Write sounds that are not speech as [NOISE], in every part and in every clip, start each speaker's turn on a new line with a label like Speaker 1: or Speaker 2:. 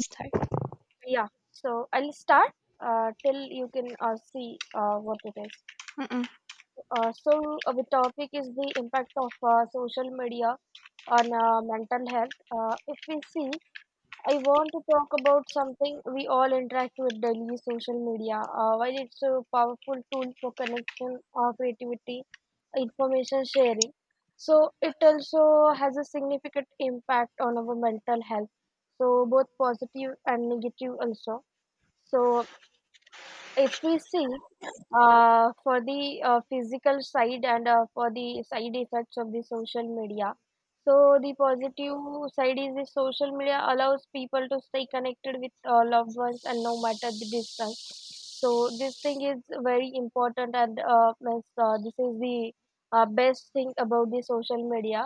Speaker 1: Start.
Speaker 2: Yeah, so I'll start till you can see what it is.
Speaker 1: Mm-mm.
Speaker 2: The topic is the impact of social media on mental health. If we see, I want to talk about something we all interact with daily, social media. While it's a powerful tool for connection, creativity, information sharing, so it also has a significant impact on our mental health. So both positive and negative also. So if we see, for the physical side and for the side effects of the social media, so the positive side is the social media allows people to stay connected with loved ones and no matter the distance, so this thing is very important, and this is the best thing about the social media.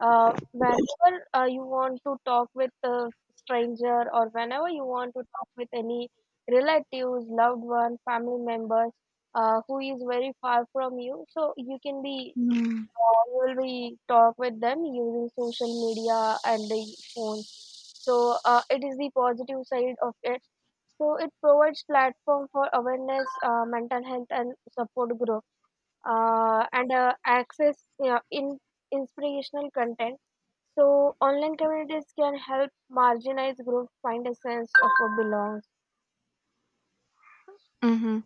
Speaker 2: Whenever you want to talk with a stranger, or whenever you want to talk with any relatives, loved one, family members who is very far from you, so you can be,
Speaker 1: Mm.
Speaker 2: you will be talk with them using social media and the phone. So it is the positive side of it. So it provides platform for awareness, mental health and support group, and access in inspirational content. So online communities can help marginalized groups find a sense of a belongs.
Speaker 1: Mm-hmm.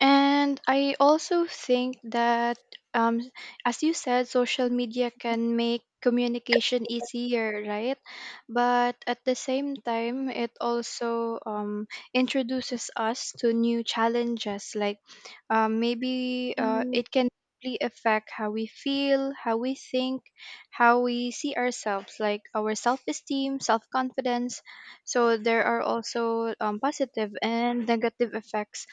Speaker 1: And I also think that, um, as you said, social media can make communication easier, right? But at the same time, it also introduces us to new challenges. Like maybe
Speaker 2: Mm,
Speaker 1: it can really affect how we feel, how we think, how we see ourselves, like our self esteem, self confidence. So there are also positive and negative effects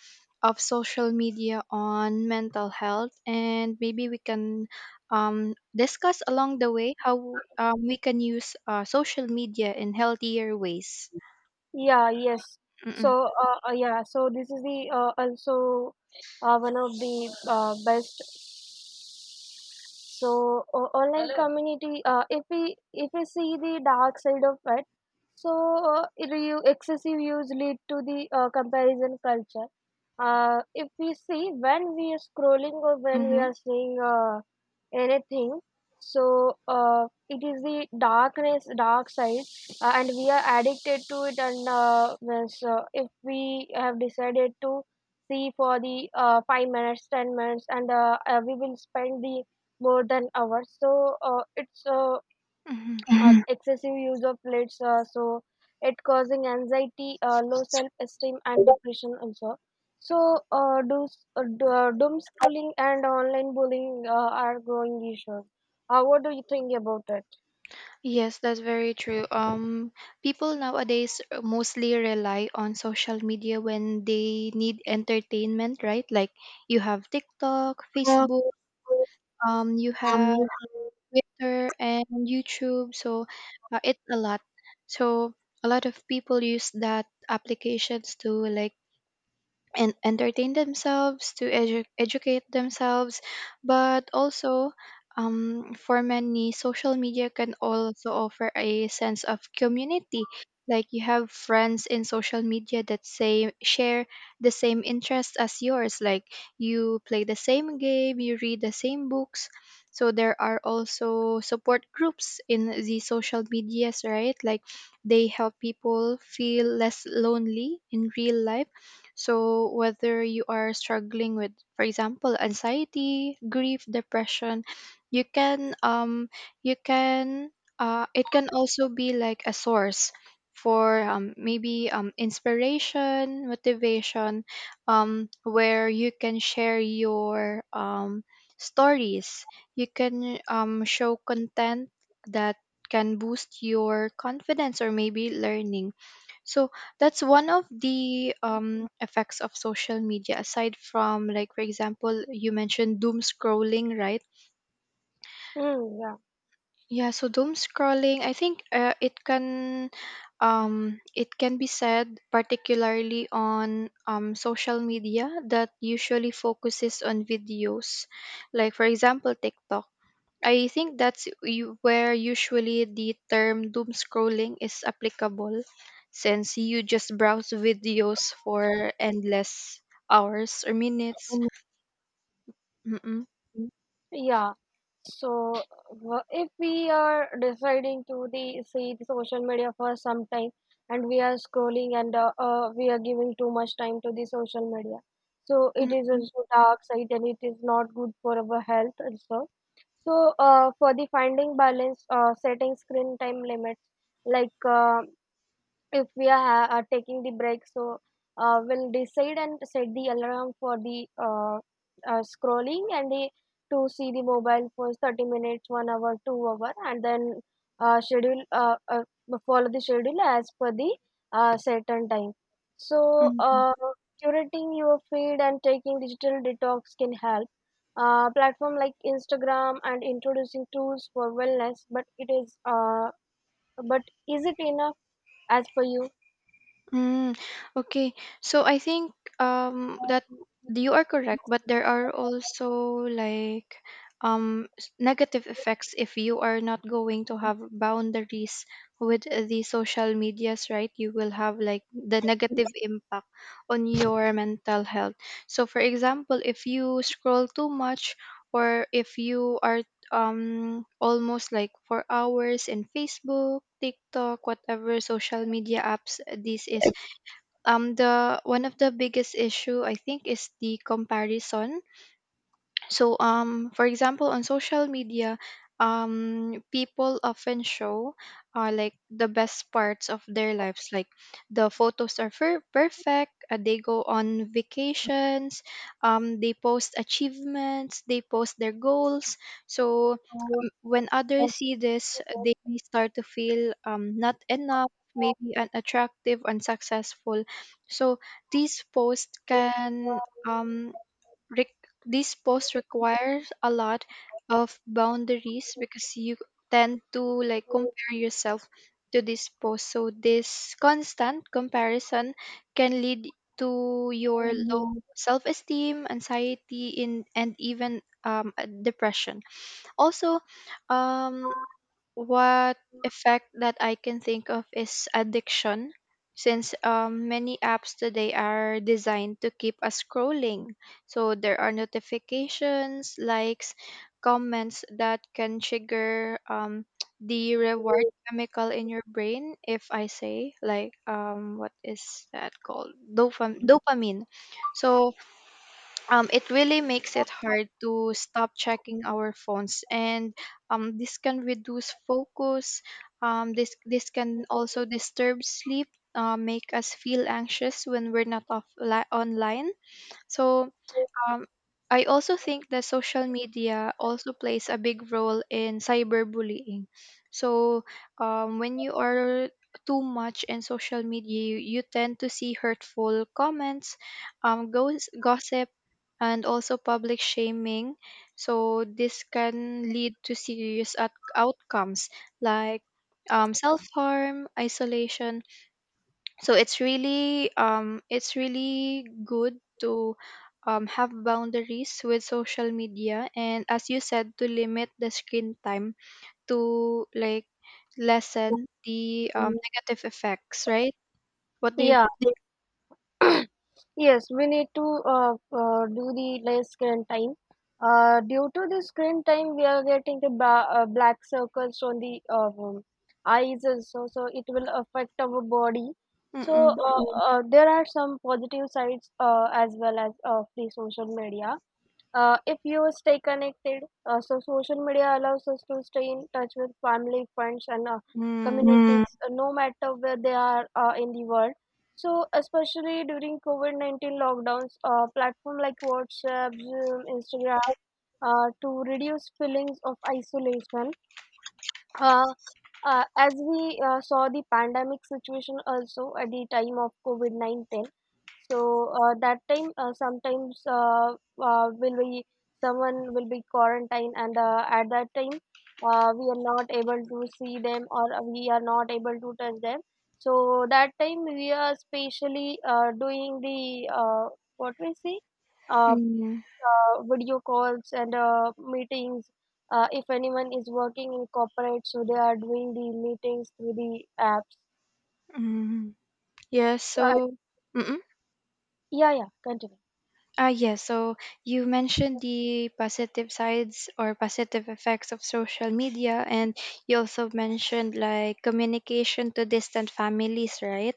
Speaker 1: of social media on mental health, and maybe we can discuss along the way how we can use social media in healthier ways.
Speaker 2: yeah, yes.
Speaker 1: Mm-mm.
Speaker 2: So, yeah, so this is the also one of the best. So, o online. Hello. Community, if we see the dark side of it, so, it excessive use lead to the comparison culture. If we see, when we are scrolling or when we
Speaker 1: Mm-hmm.
Speaker 2: are seeing anything, so, it is the darkness, dark side, and we are addicted to it. And, if we have decided to see for the 5 minutes, 10 minutes, and, we will spend the more than hours. So, it's
Speaker 1: Mm-hmm.
Speaker 2: Mhm. excessive use of plates. So it causing anxiety, low self esteem, and depression also. So, uh, do, doom schooling and online bullying are growing issues. What do you think about it?
Speaker 1: Yes, that's very true. People nowadays mostly rely on social media when they need entertainment, right? Like you have TikTok,
Speaker 2: Um.
Speaker 1: Facebook, you have
Speaker 2: You have.
Speaker 1: Twitter and YouTube. So it's a lot. So a lot of people use that applications to like and entertain themselves to educate themselves, but also for many, social media can also offer a sense of community, like you have friends in social media that say share the same interests as yours, like you play the same game, you read the same books. So there are also support groups in the social medias, right? Like they help people feel less lonely in real life. So whether you are struggling with, for example, anxiety, grief, depression, you can, um, you can, it can also be like a source for maybe inspiration, motivation, where you can share your stories. You can show content that can boost your confidence or maybe learning. So that's one of the effects of social media. Aside from, like, for example, you mentioned doom scrolling, right?
Speaker 2: Hmm. Yeah.
Speaker 1: Yeah. So doom scrolling, I think it can be said particularly on social media that usually focuses on videos, like for example TikTok. I think that's where usually the term doom scrolling is applicable, since you just browse videos for endless hours or minutes. Mm-mm.
Speaker 2: Yeah. So, if we are deciding to the see the social media for some time, and we are scrolling, and we are giving too much time to the social media, so it is
Speaker 1: Mm-mm.
Speaker 2: also dark side and it is not good for our health also. So, for the finding balance, setting screen time limits, like, if we are, are taking the break. So, we'll decide and set the alarm for the scrolling, and the to see the mobile for 30 minutes, 1 hour, 2 hour, and then schedule, follow the schedule as per the certain time. So, uh, curating your feed and taking digital detox can help. Platform like Instagram and introducing tools for wellness, but it is, but is it enough, as per you?
Speaker 1: Mm, okay. So I think that you are correct, but there are also like negative effects if you are not going to have boundaries with the social medias, right? You will have like the negative impact on your mental health. So for example, if you scroll too much, or if you are almost like for hours in Facebook, TikTok, whatever social media apps this is. The one of the biggest issue I think is the comparison. So, for example, on social media, people often show like the best parts of their lives. Like the photos are perfect. They go on vacations. They post achievements. They post their goals. So when others see this, they may start to feel not enough, maybe unattractive, unsuccessful. So these posts can um, this post requires a lot of boundaries because you tend to like compare yourself to this post. So this constant comparison can lead to your low self-esteem, anxiety, in and even depression. Also, um, what effect that I can think of is addiction, since many apps today are designed to keep us scrolling. So there are notifications, likes, comments that can trigger the reward chemical in your brain. If I say like what is that called? Dopamine. So it really makes it hard to stop checking our phones, and this can reduce focus. This this can also disturb sleep, make us feel anxious when we're not online. So um, I also think that social media also plays a big role in cyberbullying. So, when you are too much in social media, you tend to see hurtful comments, gossip, and also public shaming. So this can lead to serious outcomes like self harm, isolation. So it's really good to have boundaries with social media and, as you said, to limit the screen time to like lessen the negative effects, right? What do you?
Speaker 2: Yeah, yes, we need to do the less screen time. Due to the screen time, we are getting the ba black circles on the eyes also, so it will affect our body. So,
Speaker 1: Mm-mm.
Speaker 2: there are some positive sides as well as of the social media. If you stay connected, so social media allows us to stay in touch with family, friends, and
Speaker 1: Mm,
Speaker 2: communities, no matter where they are in the world. So, especially during COVID 19 lockdowns, platform like WhatsApp, Zoom, Instagram, to reduce feelings of isolation, uh, as we saw the pandemic situation also at the time of COVID 19. So, that time, sometimes will be, someone will be quarantined, and at that time, we are not able to see them or we are not able to touch them. So that time we are specially doing the, what we see, uh,
Speaker 1: mm,
Speaker 2: video calls and meetings. If anyone is working in corporate, so they are doing the meetings through the apps.
Speaker 1: mm. Yeah,
Speaker 2: Uh,
Speaker 1: so mm.
Speaker 2: yeah, yeah, continue.
Speaker 1: Ah yes, so you mentioned the positive sides or positive effects of social media, and you also mentioned like communication to distant families, right?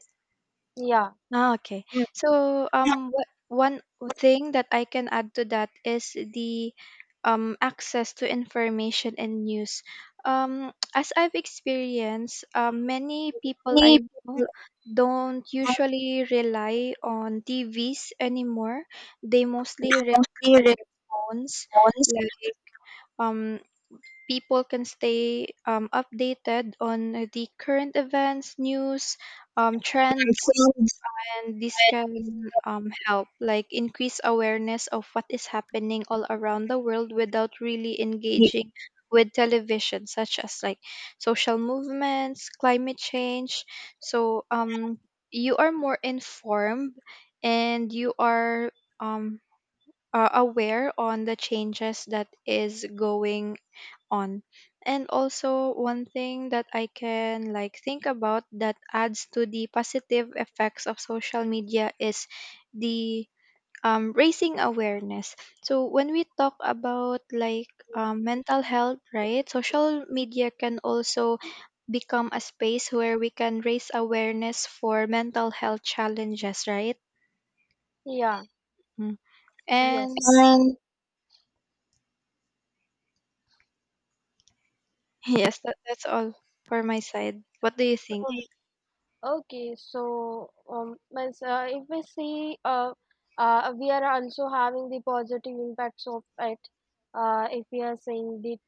Speaker 2: Yeah.
Speaker 1: Ah, okay.
Speaker 2: Mm.
Speaker 1: So,
Speaker 2: Yeah.
Speaker 1: what one thing that I can add to that is the access to information and news. [TSK] As I've experienced, many people I
Speaker 2: Many people
Speaker 1: know don't
Speaker 2: don't
Speaker 1: usually rely on TVs anymore. They mostly rely
Speaker 2: actually
Speaker 1: on their phones.
Speaker 2: response
Speaker 1: Like, um, people can stay updated on the current events, news, trends,
Speaker 2: to
Speaker 1: and this can help like increase awareness of what is happening all around the world without really
Speaker 2: anxiety.
Speaker 1: engaging with television, such as like social movements, climate change. So you are more informed, and you are um aware on the changes that is going on. And also one thing that I can like think about that adds to the positive effects of social media is the raising awareness. So when we talk about like mental health, right? Social media can also become a space where we can raise awareness for mental health challenges, right?
Speaker 2: Yeah,
Speaker 1: Mm.
Speaker 2: yes.
Speaker 1: And
Speaker 2: And.
Speaker 1: yes, that, that's all for my side. What do you think?
Speaker 2: Okay, so, if we see, we are also having the positive impacts of it. If we are saying the.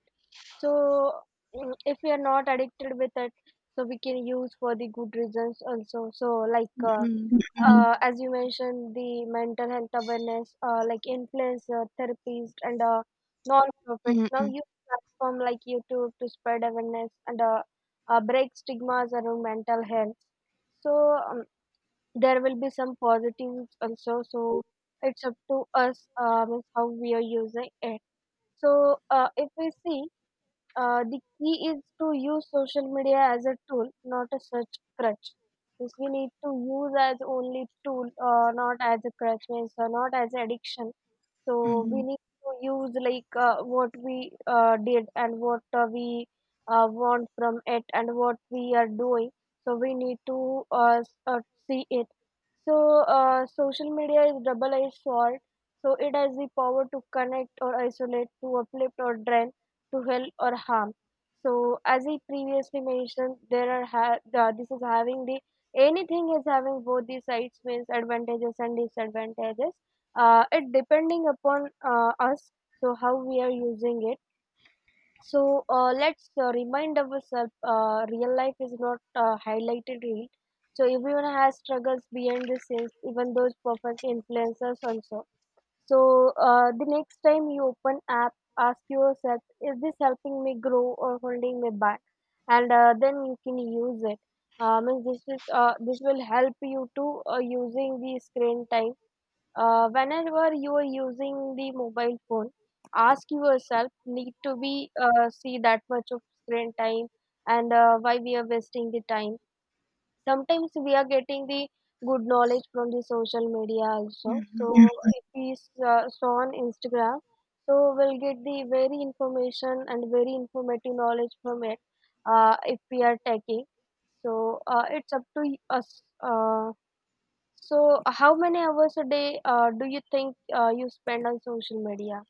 Speaker 2: So, if we are not addicted with it, so we can use for the good reasons also. So, like,
Speaker 1: Mm-mm.
Speaker 2: Mhm. As you mentioned the mental health awareness, like influencer therapists and non-profits now
Speaker 1: Mm-mm.
Speaker 2: use platform like YouTube to spread awareness and break stigmas around mental health. So, um, there will be some positives also, so it's up to us, how we are using it. So, if we see, the key is to use social media as a tool, not a search crutch. Means we need to use as only tool, not as a crutch, means not as addiction. So we need to use like, what we did, and what we want from it, and what we are doing. So we need to see it. So, social media is double-edged sword. So it has the power to connect or isolate, to uplift or drain, to health or harm. So, as I previously mentioned, there are, this is having the, anything is having both the sides, means advantages and disadvantages. It depending upon us, so how we are using it. So, let's remind ourselves: real life is not highlighted real. So everyone has struggles behind the scenes, even those perfect influencers also. So, the next time you open app, ask yourself, is this helping me grow or holding me back? And then you can use it. Means this is, this will help you to using the screen time. Whenever you are using the mobile phone, ask yourself need to be, see that much of screen time, and why we are wasting the time. Sometimes we are getting the good knowledge from the social media also. Yeah. So.
Speaker 1: Mm-hmm.
Speaker 2: Mhm. If we saw on Instagram, so we'll get the very information and very informative knowledge from it, if we are taking. So, it's up to us. So, how many hours a day do you think you spend on social media?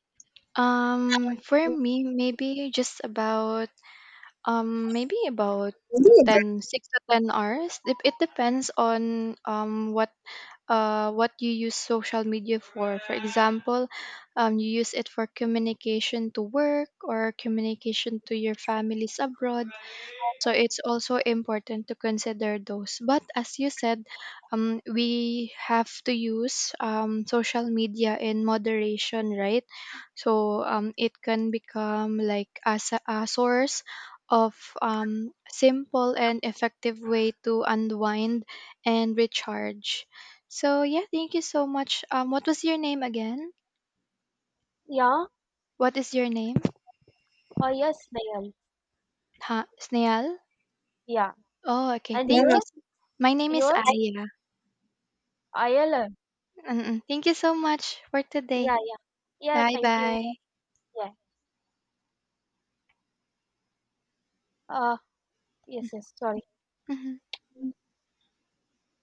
Speaker 1: For
Speaker 2: Ooh,
Speaker 1: me, maybe just about maybe about
Speaker 2: but-
Speaker 1: ten six to ten hours. It depends on what you use social media for. For example, you use it for communication to work or communication to your families abroad. So it's also important to consider those. But as you said, we have to use social media in moderation, right? So it can become like as a source of simple and effective way to unwind and recharge. So yeah, thank you so much. What was your name again?
Speaker 2: Yeah,
Speaker 1: What is your name?
Speaker 2: yes, Nayan.
Speaker 1: Ha, Snail.
Speaker 2: Yeah,
Speaker 1: Oh, okay.
Speaker 2: and yeah.
Speaker 1: Thank you.
Speaker 2: Yours,
Speaker 1: So my name is
Speaker 2: yours,
Speaker 1: Aya.
Speaker 2: ILM.
Speaker 1: Mm, thank you so much for today.
Speaker 2: Yeah, yeah, yeah.
Speaker 1: Bye
Speaker 2: Thank you.
Speaker 1: bye.
Speaker 2: Yeah. Uh, yes, yes, sorry.
Speaker 1: Mhm.
Speaker 2: Mm.